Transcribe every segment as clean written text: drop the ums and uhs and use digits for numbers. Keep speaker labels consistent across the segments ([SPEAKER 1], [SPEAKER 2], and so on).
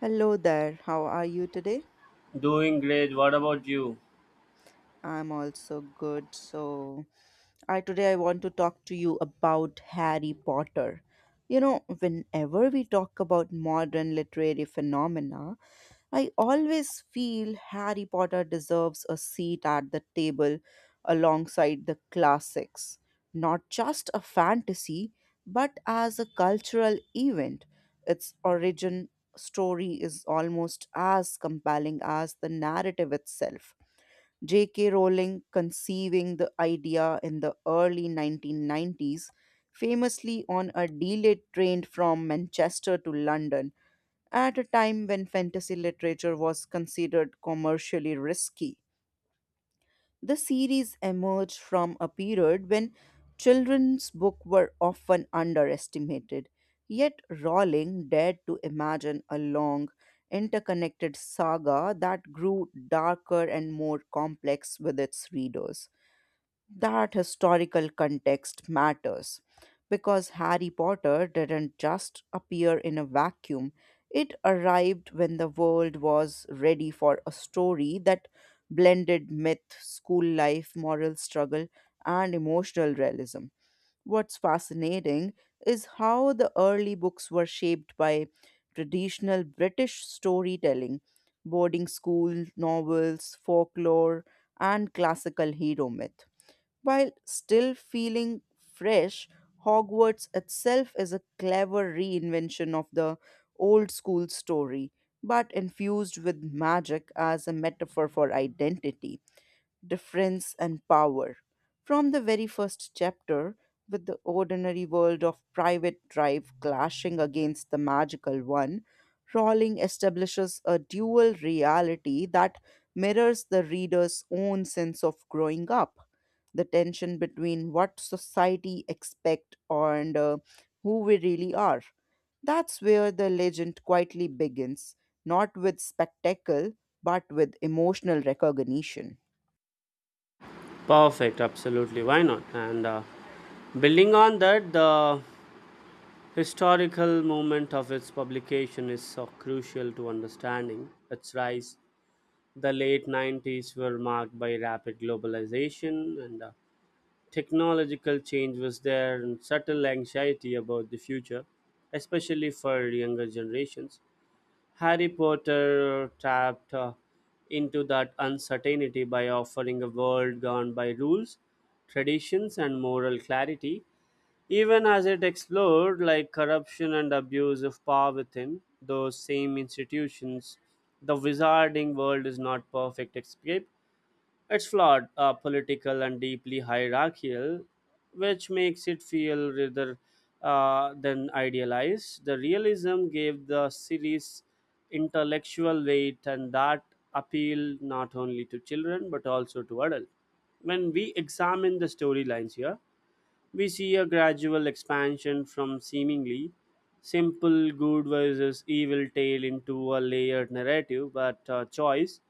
[SPEAKER 1] Hello there. How are you today?
[SPEAKER 2] Doing great. What about you?
[SPEAKER 1] I'm also good. So, I today I want to talk to you about Harry Potter. You know, whenever we talk about modern literary phenomena, I always feel Harry Potter deserves a seat at the table alongside the classics, not just a fantasy, but as a cultural event. Its origin story is almost as compelling as the narrative itself. J.K. Rowling conceiving the idea in the early 1990s, famously on a delayed train from Manchester to London at a time when fantasy literature was considered commercially risky, the series emerged from a period when children's books were often underestimated. Yet Rowling dared to imagine a long, interconnected saga that grew darker and more complex with its readers that historical context matters because Harry Potter didn't just appear in a vacuum. It arrived when the world was ready for a story that blended myth, school life, moral struggle, and emotional realism. What's fascinating is how the early books were shaped by traditional British storytelling, boarding school novels, folklore, and classical hero myth while still feeling fresh. Hogwarts itself is a clever reinvention of the old school story, but infused with magic as a metaphor for identity difference, and power. From the very first chapter, with the ordinary world of private drive clashing against the magical one, Rowling establishes a dual reality that mirrors the reader's own sense of growing up. The tension between what society expect and who we really are. That's where the legend quietly begins, not with spectacle, but with emotional recognition.
[SPEAKER 2] Perfect, absolutely. Why not? And Building on that, the historical moment of its publication is so crucial to understanding its rise. The late 90s were marked by rapid globalization and technological change was there and subtle anxiety about the future, especially for younger generations. Harry Potter tapped into that uncertainty by offering a world governed by rules, traditions, and moral clarity, even as it explored like corruption and abuse of power within those same institutions. The wizarding world is not perfect escape, it's flawed, political, and deeply hierarchical, which makes it feel rather than idealized. The realism gave the series intellectual weight, and that appeal not only to children but also to adults. When we examine the storylines here, we see a gradual expansion from seemingly simple good versus evil tale into a layered narrative, but choice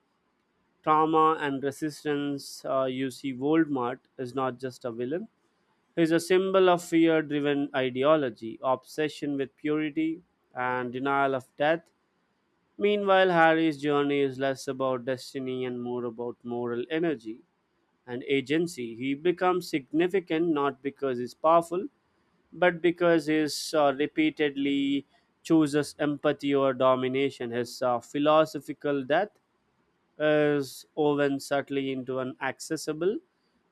[SPEAKER 2] trauma and resistance. You see, Voldemort is not just a villain. He's a symbol of fear driven ideology, obsession with purity, and denial of death. Meanwhile, Harry's journey is less about destiny and more about moral energy and agency. He becomes significant not because he's powerful, but because he's repeatedly chooses empathy or domination. His philosophical death is woven subtly into an accessible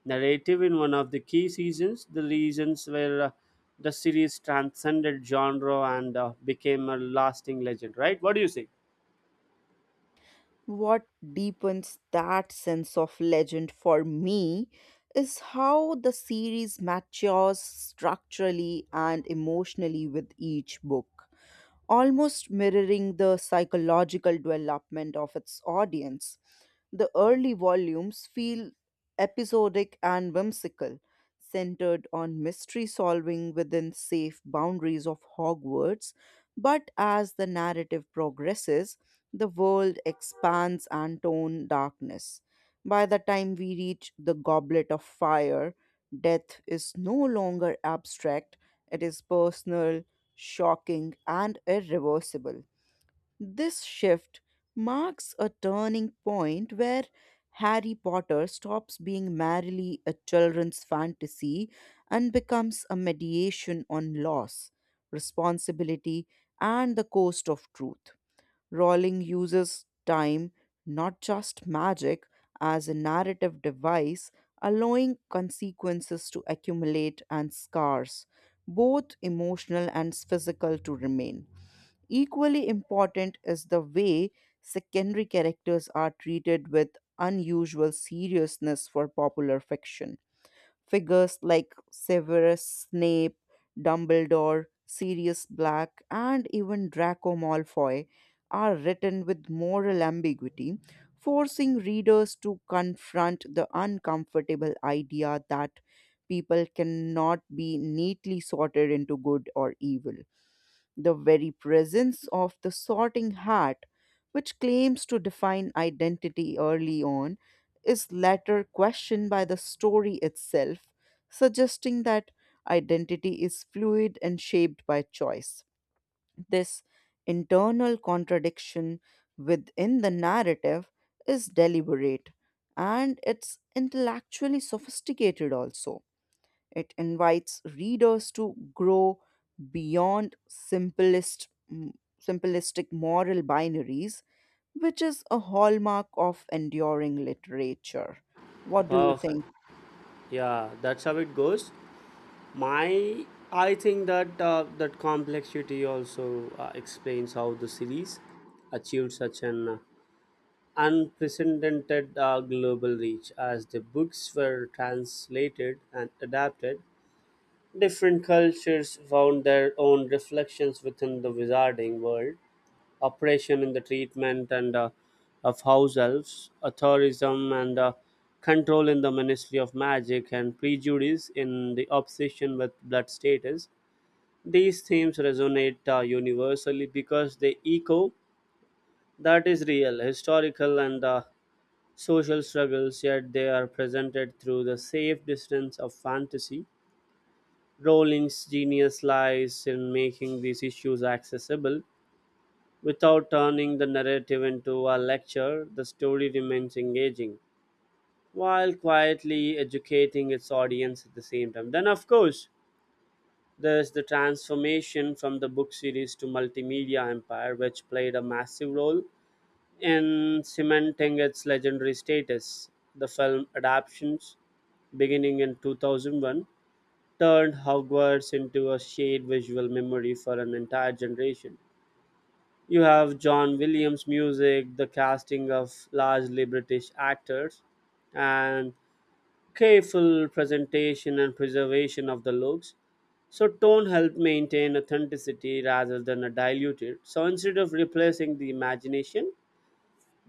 [SPEAKER 2] narrative in one of the key seasons, the reasons where the series transcended genre and became a lasting legend, right? What do you say?
[SPEAKER 1] What deepens that sense of legend for me is how the series matures structurally and emotionally with each book, almost mirroring the psychological development of its audience. The early volumes feel episodic and whimsical, centered on mystery solving within safe boundaries of Hogwarts. But as the narrative progresses, the world expands and tone darkness. By the time we reach the Goblet of Fire, death is no longer abstract, it is personal, shocking, and irreversible. This shift marks a turning point where Harry Potter stops being merely a children's fantasy and becomes a mediation on loss, responsibility, and the cost of truth. Rowling uses time, not just magic, as a narrative device, allowing consequences to accumulate and scars, both emotional and physical, to remain. Equally important is the way secondary characters are treated with unusual seriousness for popular fiction. Figures like Severus Snape, Dumbledore, Sirius Black, and even Draco Malfoy are written with moral ambiguity, forcing readers to confront the uncomfortable idea that people cannot be neatly sorted into good or evil. The very presence of the sorting hat, which claims to define identity early on, is later questioned by the story itself, suggesting that identity is fluid and shaped by choice. This internal contradiction within the narrative is deliberate and it's intellectually sophisticated also. It invites readers to grow beyond simplistic moral binaries, which is a hallmark of enduring literature. What do you
[SPEAKER 2] Perfect.
[SPEAKER 1] think?
[SPEAKER 2] Yeah, that's how it goes. My, I think that that complexity also explains how the series achieved such an unprecedented global reach as the books were translated and adapted. Different cultures found their own reflections within the wizarding world, oppression in the treatment and of house elves, authorism and control in the Ministry of Magic, and prejudice in the obsession with blood status. These themes resonate universally because they echo that is real, historical, and social struggles, yet they are presented through the safe distance of fantasy. Rowling's genius lies in making these issues accessible without turning the narrative into a lecture. The story remains engaging while quietly educating its audience at the same time. Then, of course, there's the transformation from the book series to multimedia empire, which played a massive role in cementing its legendary status. The film adaptations, beginning in 2001, turned Hogwarts into a shared visual memory for an entire generation. You have John Williams' music, the casting of largely British actors, and careful presentation and preservation of the looks. So, tone helped maintain authenticity rather than a diluted. So, instead of replacing the imagination,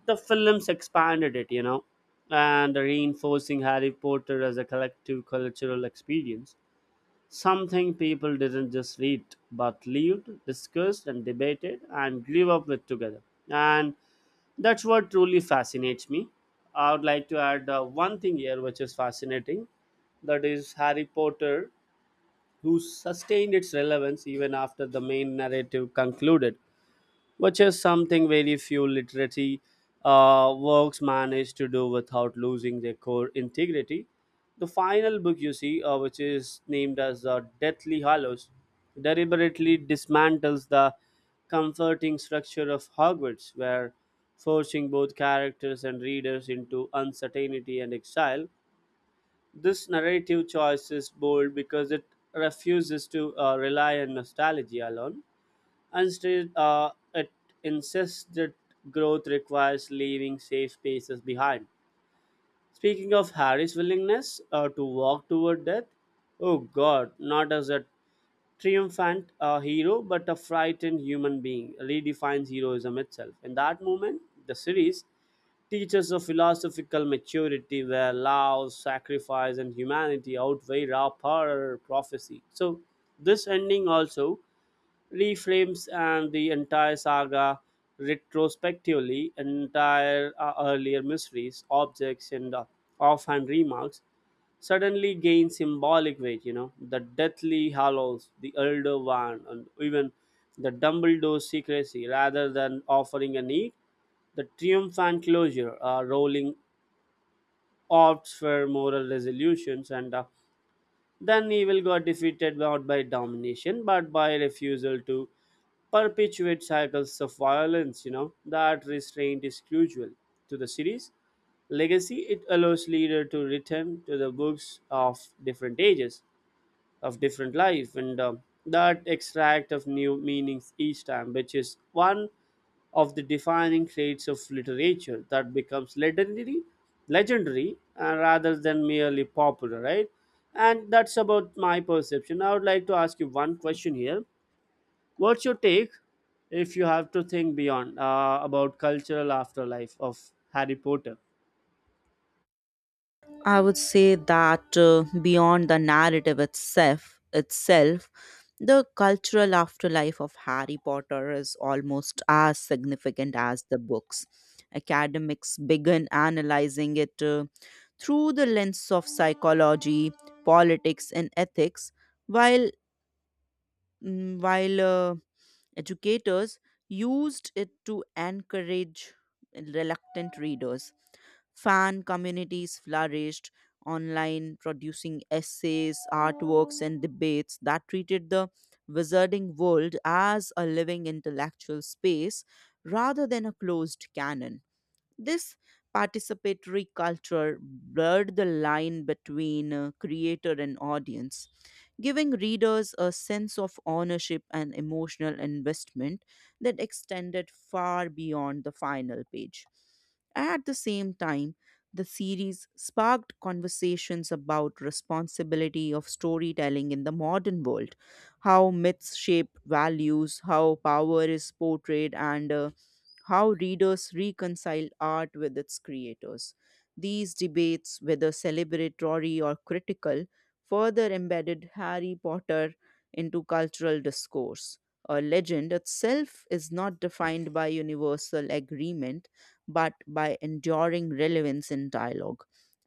[SPEAKER 2] the films expanded it, and reinforcing Harry Potter as a collective cultural experience. Something people didn't just read, but lived, discussed, and debated, and grew up with together. And that's what truly fascinates me. I would like to add one thing here which is fascinating. That is, Harry Potter, who sustained its relevance even after the main narrative concluded, which is something very few literary works manage to do without losing their core integrity. The final book you see, which is named as Deathly Hallows, deliberately dismantles the comforting structure of Hogwarts, where forcing both characters and readers into uncertainty and exile. This narrative choice is bold because it refuses to rely on nostalgia alone. Instead, it insists that growth requires leaving safe spaces behind. Speaking of Harry's willingness to walk toward death, oh god, not as a triumphant hero, but a frightened human being, redefines heroism itself. In that moment, the series teaches a philosophical maturity where love, sacrifice, and humanity outweigh raw power prophecy. So, this ending also reframes and the entire saga retrospectively, entire earlier mysteries, objects, and offhand remarks suddenly gain symbolic weight. You know, the Deathly Hallows, the Elder Wand, and even the Dumbledore secrecy, rather than offering a neat, the triumphant closure, rolling opts for moral resolutions, and then evil got defeated not by domination but by refusal to perpetuate cycles of violence. You know, that restraint is crucial to the series. Legacy, it allows leader to return to the books of different ages, of different life, and that extract of new meanings each time, which is one of the defining traits of literature that becomes legendary rather than merely popular, right? And that's about my perception. I would like to ask you one question here. What's your take if you have to think beyond about cultural afterlife of Harry Potter?
[SPEAKER 1] I would say that beyond the narrative itself, the cultural afterlife of Harry Potter is almost as significant as the books. Academics began analyzing it through the lens of psychology, politics, and ethics, while mm, while uh, Educators used it to encourage reluctant readers. Fan communities flourished online, producing essays, artworks, and debates that treated the wizarding world as a living intellectual space rather than a closed canon. This participatory culture blurred the line between creator and audience giving readers a sense of ownership and emotional investment that extended far beyond the final page. At the same time, the series sparked conversations about responsibility of storytelling in the modern world, how myths shape values, how power is portrayed, and how readers reconcile art with its creators. These debates, whether celebratory or critical, further embedded Harry Potter into cultural discourse. A legend itself is not defined by universal agreement, but by enduring relevance in dialogue.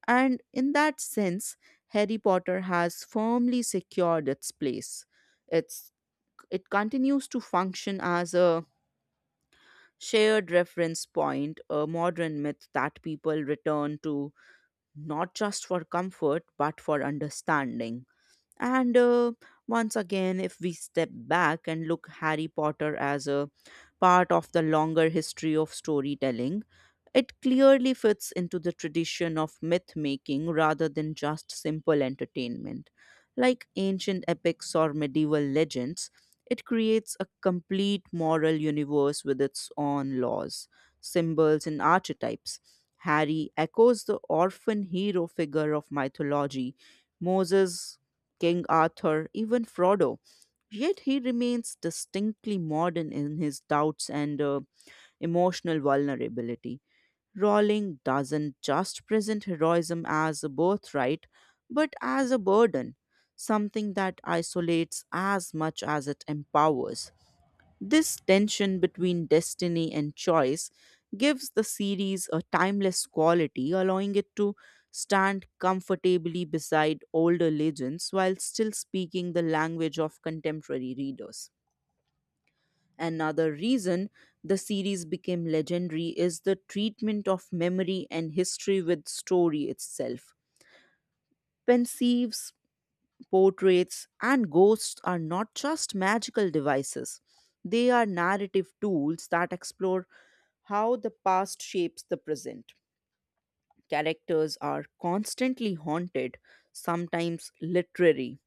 [SPEAKER 1] And in that sense, Harry Potter has firmly secured its place. It's, it continues to function as a shared reference point, a modern myth that people return to not just for comfort, but for understanding. And Once again, if we step back and look Harry Potter as a part of the longer history of storytelling, it clearly fits into the tradition of myth making rather than just simple entertainment. Like ancient epics or medieval legends, it creates a complete moral universe with its own laws, symbols, and archetypes. Harry echoes the orphan hero figure of mythology, Moses, King Arthur, even Frodo. Yet he remains distinctly modern in his doubts and emotional vulnerability. Rowling doesn't just present heroism as a birthright, but as a burden, something that isolates as much as it empowers. This tension between destiny and choice gives the series a timeless quality, allowing it to stand comfortably beside older legends while still speaking the language of contemporary readers. Another reason the series became legendary is the treatment of memory and history with story itself. Pensieves, portraits, and ghosts are not just magical devices, they are narrative tools that explore how the past shapes the present. Characters are constantly haunted, sometimes literary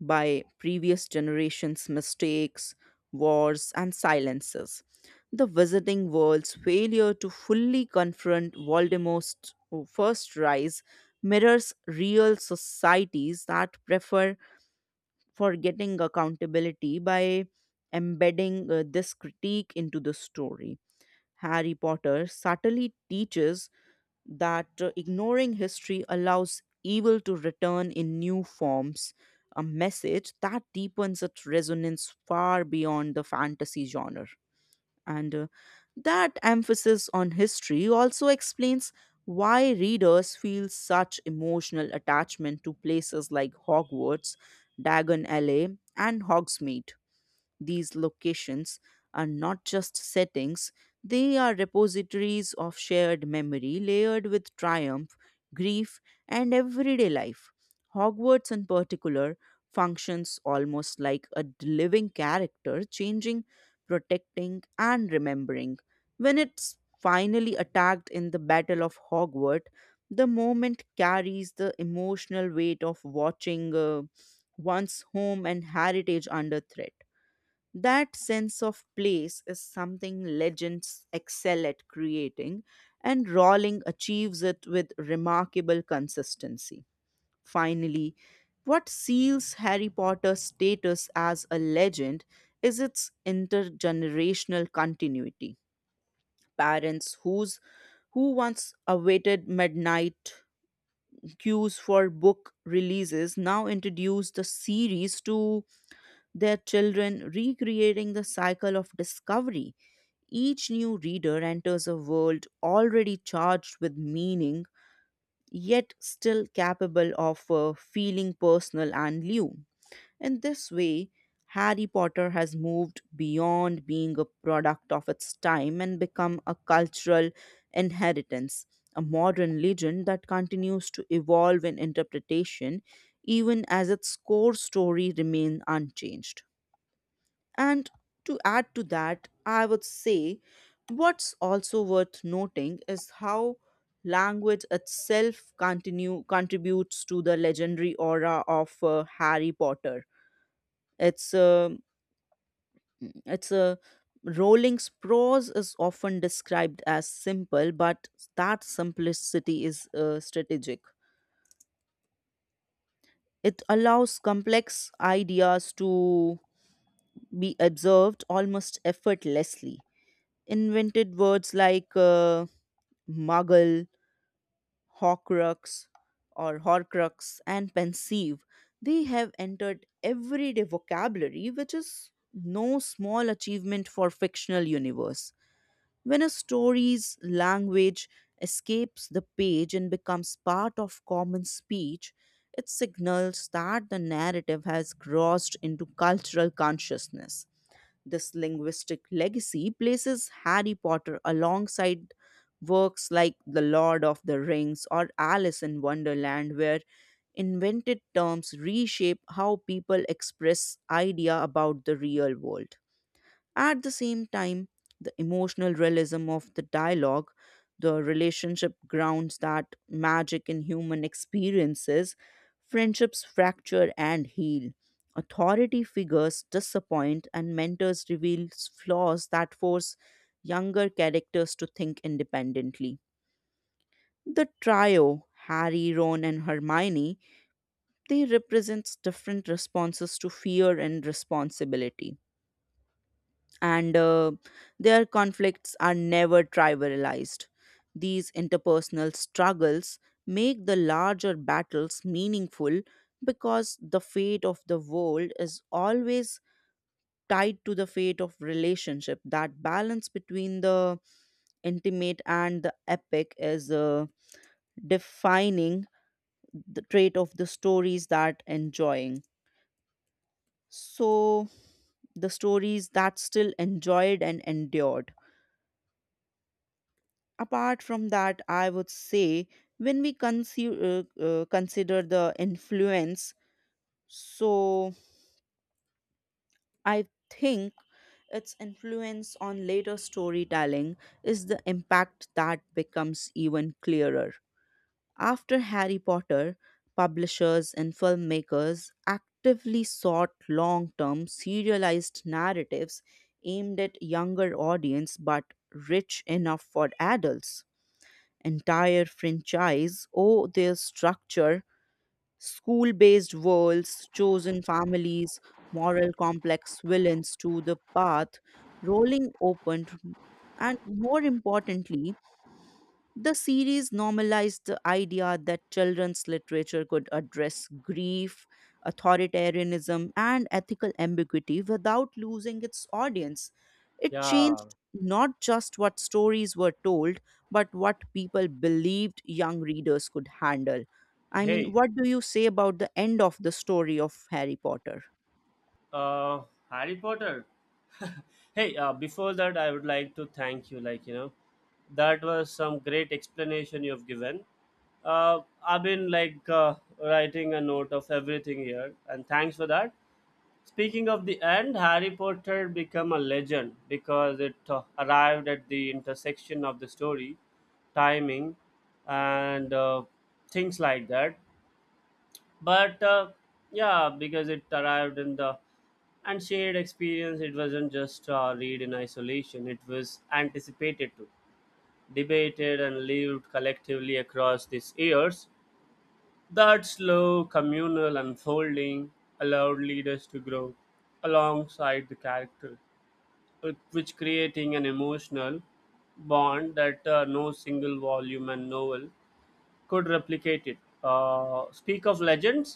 [SPEAKER 1] by previous generations' mistakes, wars, and silences. The Visiting World's failure to fully confront Voldemort's first rise mirrors real societies that prefer forgetting accountability by embedding this critique into the story. Harry Potter subtly teaches that ignoring history allows evil to return in new forms, a message that deepens its resonance far beyond the fantasy genre. And That emphasis on history also explains why readers feel such emotional attachment to places like Hogwarts, Dagon Alley, and Hogsmeade these locations are not just settings, they are repositories of shared memory layered with triumph, grief, and everyday life. Hogwarts, in particular, functions almost like a living character, changing, protecting, and remembering. When it's finally attacked in the Battle of Hogwarts, the moment carries the emotional weight of watching one's home and heritage under threat. That sense of place is something legends excel at creating, and Rowling achieves it with remarkable consistency. Finally, what seals Harry Potter's status as a legend is its intergenerational continuity. Parents who once awaited midnight queues for book releases now introduce the series to their children, recreating the cycle of discovery. Each new reader enters a world already charged with meaning, yet still capable of feeling personal and new. In this way, Harry Potter has moved beyond being a product of its time and become a cultural inheritance, a modern legend that continues to evolve in interpretation even as its core story remains unchanged. And to add to that, I would say what's also worth noting is how language itself continue contributes to the legendary aura of Harry Potter. It's a it's a Rowling's prose is often described as simple, but that simplicity is strategic. It allows complex ideas to be observed almost effortlessly invented words like muggle, horcrux, horcrux, and pensive. They have entered everyday vocabulary, which is no small achievement for fictional universe. When a story's language escapes the page and becomes part of common speech, it signals that the narrative has crossed into cultural consciousness. This linguistic legacy places Harry Potter alongside works like The Lord of the Rings or Alice in Wonderland, where invented terms reshape how people express idea about the real world. At the same time, the emotional realism of the dialogue, the relationship grounds that magic in human experiences, friendships fracture and heal. Authority figures disappoint, and mentors reveal flaws that force younger characters to think independently. The trio, Harry, Ron, and Hermione, they represent different responses to fear and responsibility and their conflicts are never trivialized. These interpersonal struggles make the larger battles meaningful because the fate of the world is always tied to the fate of relationship. That balance between the intimate and the epic is defining the trait of the stories that enjoying. So, the stories that still enjoyed and endured. Apart from that I would say when we consider consider the influence so I think its influence on later storytelling is the impact that becomes even clearer after Harry Potter publishers and filmmakers actively sought long-term serialized narratives aimed at younger audience but rich enough for adults entire franchise owe their structure, school based worlds, chosen families, moral complex villains to the path, rolling opened, and more importantly, the series normalized the idea that children's literature could address grief, authoritarianism, and ethical ambiguity without losing its audience. It
[SPEAKER 2] Yeah.
[SPEAKER 1] changed not just what stories were told, but what people believed young readers could handle. I mean,
[SPEAKER 2] Hey,
[SPEAKER 1] what do you say about the end of the story of Harry Potter?
[SPEAKER 2] uh, Harry Potter. Hey, before that, I would like to thank you. Like, you know, that was some great explanation you've given. I've been like writing a note of everything here, and thanks for that. Speaking of the end, Harry Potter become a legend because it arrived at the intersection of the story timing and things like that, but yeah, because it arrived in the and shared experience. It wasn't just read in isolation, it was anticipated to debated and lived collectively across these years. That slow communal unfolding allowed leaders to grow alongside the character, which creating an emotional bond that no single volume and novel could replicate it. Speak of legends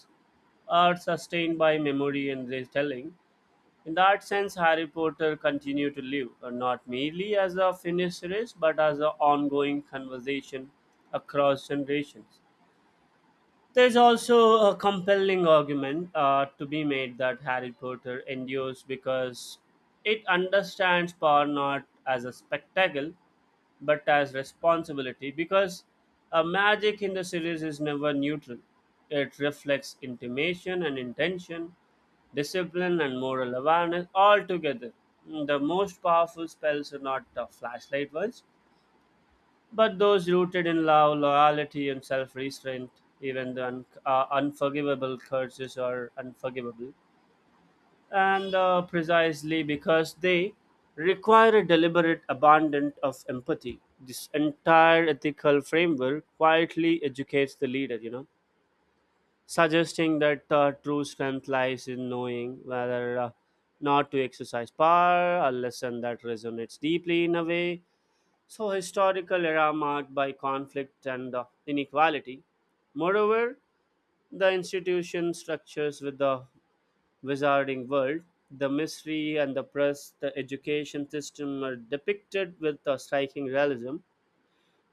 [SPEAKER 2] are sustained by memory and retelling. In that sense, Harry Potter continued to live, not merely as a finished series, but as an ongoing conversation across generations. There is also a compelling argument to be made that Harry Potter endures because it understands power not as a spectacle but as responsibility, because a magic in the series is never neutral. It reflects intimation and intention, discipline and moral awareness all together. Mm, the most powerful spells are not the flashlight ones, but those rooted in love, loyalty, and self restraint. Even the unforgivable curses are unforgivable and precisely because they require a deliberate abandon of empathy. This entire ethical framework quietly educates the leader, you know, suggesting that true strength lies in knowing whether not to exercise power, a lesson that resonates deeply in a way. So historical era marked by conflict and inequality. Moreover, the institution structures with the Wizarding World, the mystery and the press, the education system are depicted with a striking realism.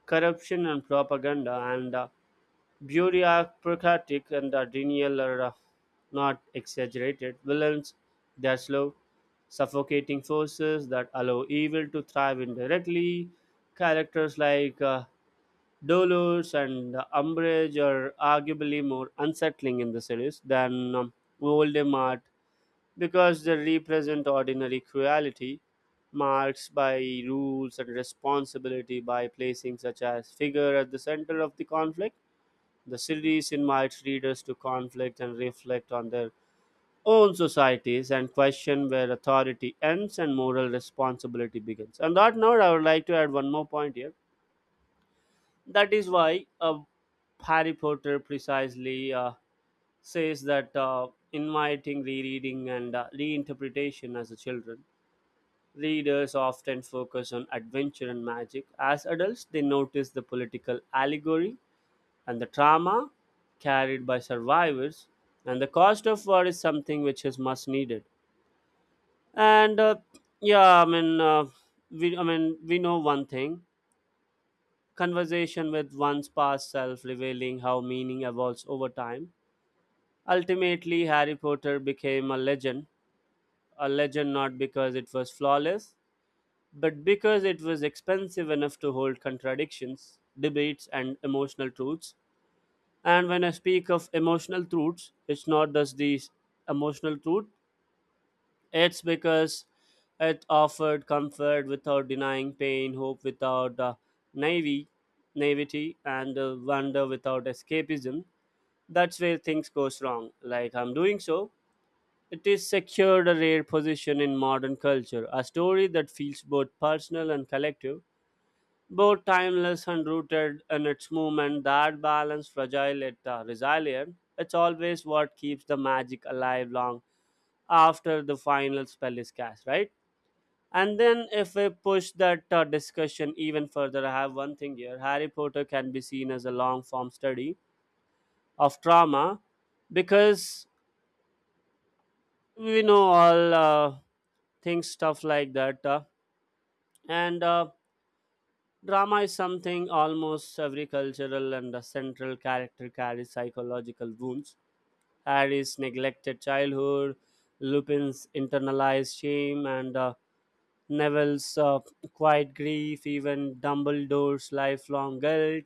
[SPEAKER 2] Corruption and propaganda and bureaucratic and denial are not exaggerated. Villains, they are slow, suffocating forces that allow evil to thrive indirectly. Characters like Dolores and Umbridge are arguably more unsettling in the series than Voldemort because they represent ordinary cruelty marked by rules and responsibility. By placing such a figure at the center of the conflict, the series invites readers to conflict and reflect on their own societies and question where authority ends and moral responsibility begins. On that note, I would like to add one more point here. That is why Harry Potter precisely says that inviting rereading and reinterpretation as a children. Readers often focus on adventure and magic. As adults, they notice the political allegory and the trauma carried by survivors, and the cost of war is something which is much needed. And Yeah, I mean, we know one thing: conversation with one's past self, revealing how meaning evolves over time. Ultimately, Harry Potter became a legend. A legend not because it was flawless, but because it was expensive enough to hold contradictions, debates, and emotional truths. And when I speak of emotional truths, it's not just these emotional truth, it's because it offered comfort without denying pain, hope without naive, naivety, and wonder without escapism. That's where things goes wrong, like I'm doing so. It is secured a rare position in modern culture, a story that feels both personal and collective, both timeless and rooted in its movement. That balance fragile yet resilient, it's always what keeps the magic alive long after the final spell is cast, right? And then if we push that discussion even further, I have one thing here. Harry Potter can be seen as a long form study of trauma because we know all things stuff like that and drama is something almost every cultural and the central character carries psychological wounds. Harry's neglected childhood, Lupin's internalized shame, and Neville's quiet grief, even Dumbledore's lifelong guilt.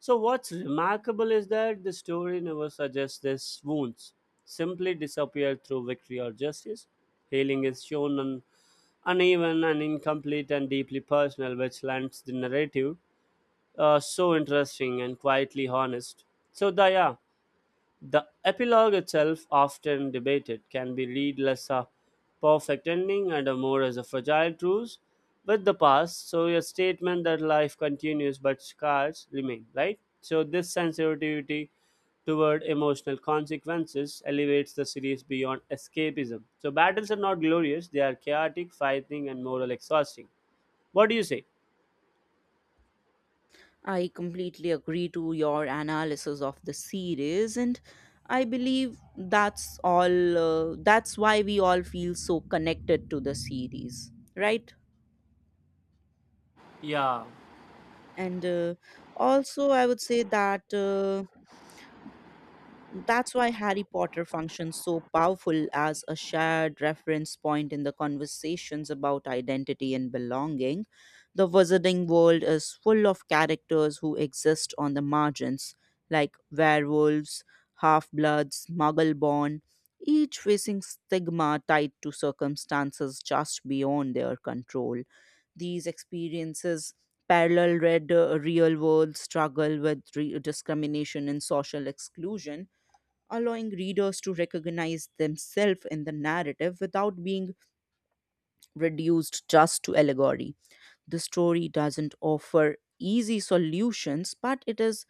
[SPEAKER 2] So, what's remarkable is that the story never suggests these wounds simply disappear through victory or justice. Healing is shown uneven and incomplete and deeply personal, which lends the narrative so interesting and quietly honest. So the epilogue itself, often debated, can be read less a perfect ending and a more as a fragile truce with the past. So a statement that life continues but scars remain, right? So this sensitivity toward emotional consequences elevates the series beyond escapism. So battles are not glorious; they are chaotic, fighting, and moral exhausting. What do you say?
[SPEAKER 1] I completely agree to your analysis of the series, and I believe that's all. That's why we all feel so connected to the series, right?
[SPEAKER 2] Yeah,
[SPEAKER 1] And Also, I would say that that's why Harry Potter functions so powerful as a shared reference point in the conversations about identity and belonging. The wizarding world is full of characters who exist on the margins, like werewolves, half bloods, muggle born, each facing stigma tied to circumstances just beyond their control. These experiences parallel red real world struggle with discrimination and social exclusion allowing readers to recognize themselves in the narrative without being reduced just to allegory. The story doesn't offer easy solutions but it is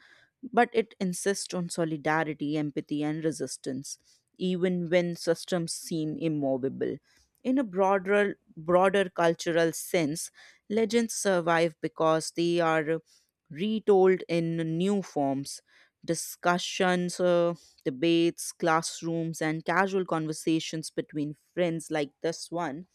[SPEAKER 1] but it insists on solidarity empathy and resistance even when systems seem immovable. In a broader cultural sense legends survive because they are retold in new forms discussions, debates, classrooms and casual conversations between friends like this one.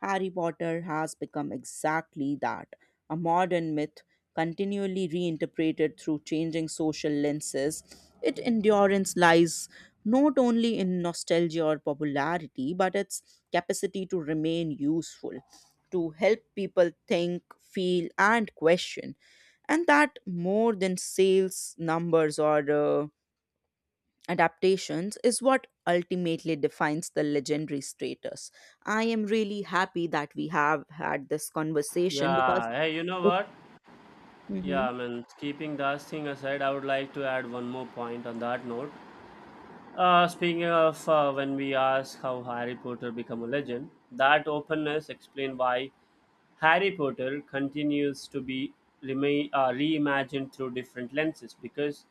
[SPEAKER 1] Harry Potter has become exactly that, a modern myth, continually reinterpreted through changing social lenses. Its endurance lies not only in nostalgia or popularity, but its capacity to remain useful, to help people think, feel, and question. And that more than sales numbers or adaptations is what ultimately defines the legendary status. I am really happy that we have had this conversation because
[SPEAKER 2] yeah. Hey, you know
[SPEAKER 1] it,
[SPEAKER 2] what? Yeah,
[SPEAKER 1] Mhm.
[SPEAKER 2] I mean, keeping that thing aside, I would like to add one more point on that note. Speaking of when we ask how Harry Potter became a legend, that openness explained why Harry Potter continues to be reimagined through different lenses because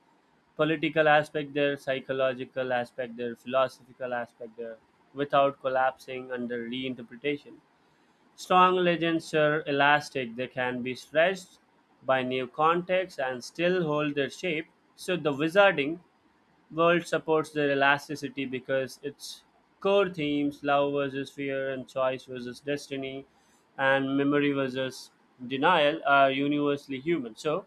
[SPEAKER 2] political aspect there, psychological aspect there, philosophical aspect there, without collapsing under reinterpretation. Strong legends are elastic, they can be stretched by new contexts and still hold their shape. So, the wizarding world supports their elasticity because its core themes love versus fear, and choice versus destiny, and memory versus denial are universally human. So,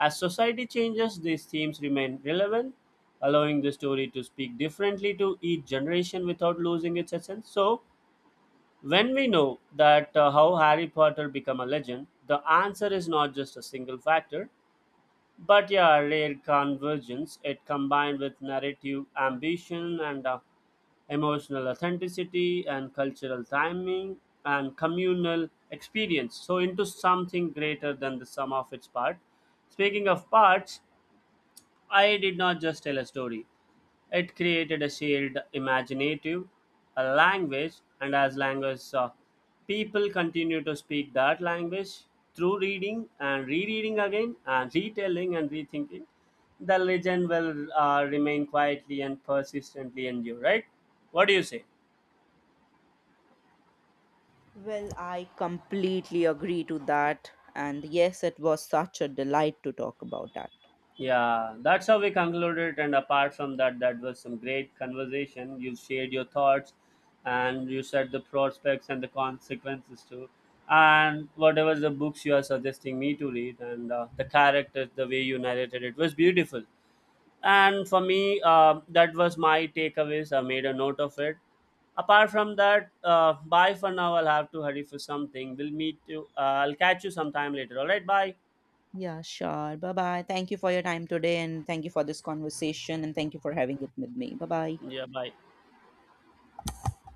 [SPEAKER 2] as society changes, these themes remain relevant, allowing the story to speak differently to each generation without losing its essence. So, when we know that how Harry Potter became a legend, the answer is not just a single factor, but yeah, a rare convergence. It combined with narrative ambition and emotional authenticity and cultural timing and communal experience. So into something greater than the sum of its part. Speaking of parts, I did not just tell a story. It created a shared imaginative, a language, and as language, people continue to speak that language through reading and rereading again and retelling and rethinking. The legend will remain quietly and persistently endure, right? What do you say?
[SPEAKER 1] Well, I completely agree to that. And yes, it was such a delight to talk about that.
[SPEAKER 2] Yeah, that's how we concluded. And apart from that, that was some great conversation. You shared your thoughts and you said the prospects and the consequences too. And whatever the books you are suggesting me to read and the characters, the way you narrated it was beautiful. And for me, that was my takeaways. I made a note of it. Apart from that, bye for now. I'll have to hurry for something. We'll meet you. I'll catch you sometime later. All right, bye.
[SPEAKER 1] Yeah, sure. Bye bye. Thank you for your time today and thank you for this conversation and thank you for having it with me. Bye bye.
[SPEAKER 2] Yeah, bye.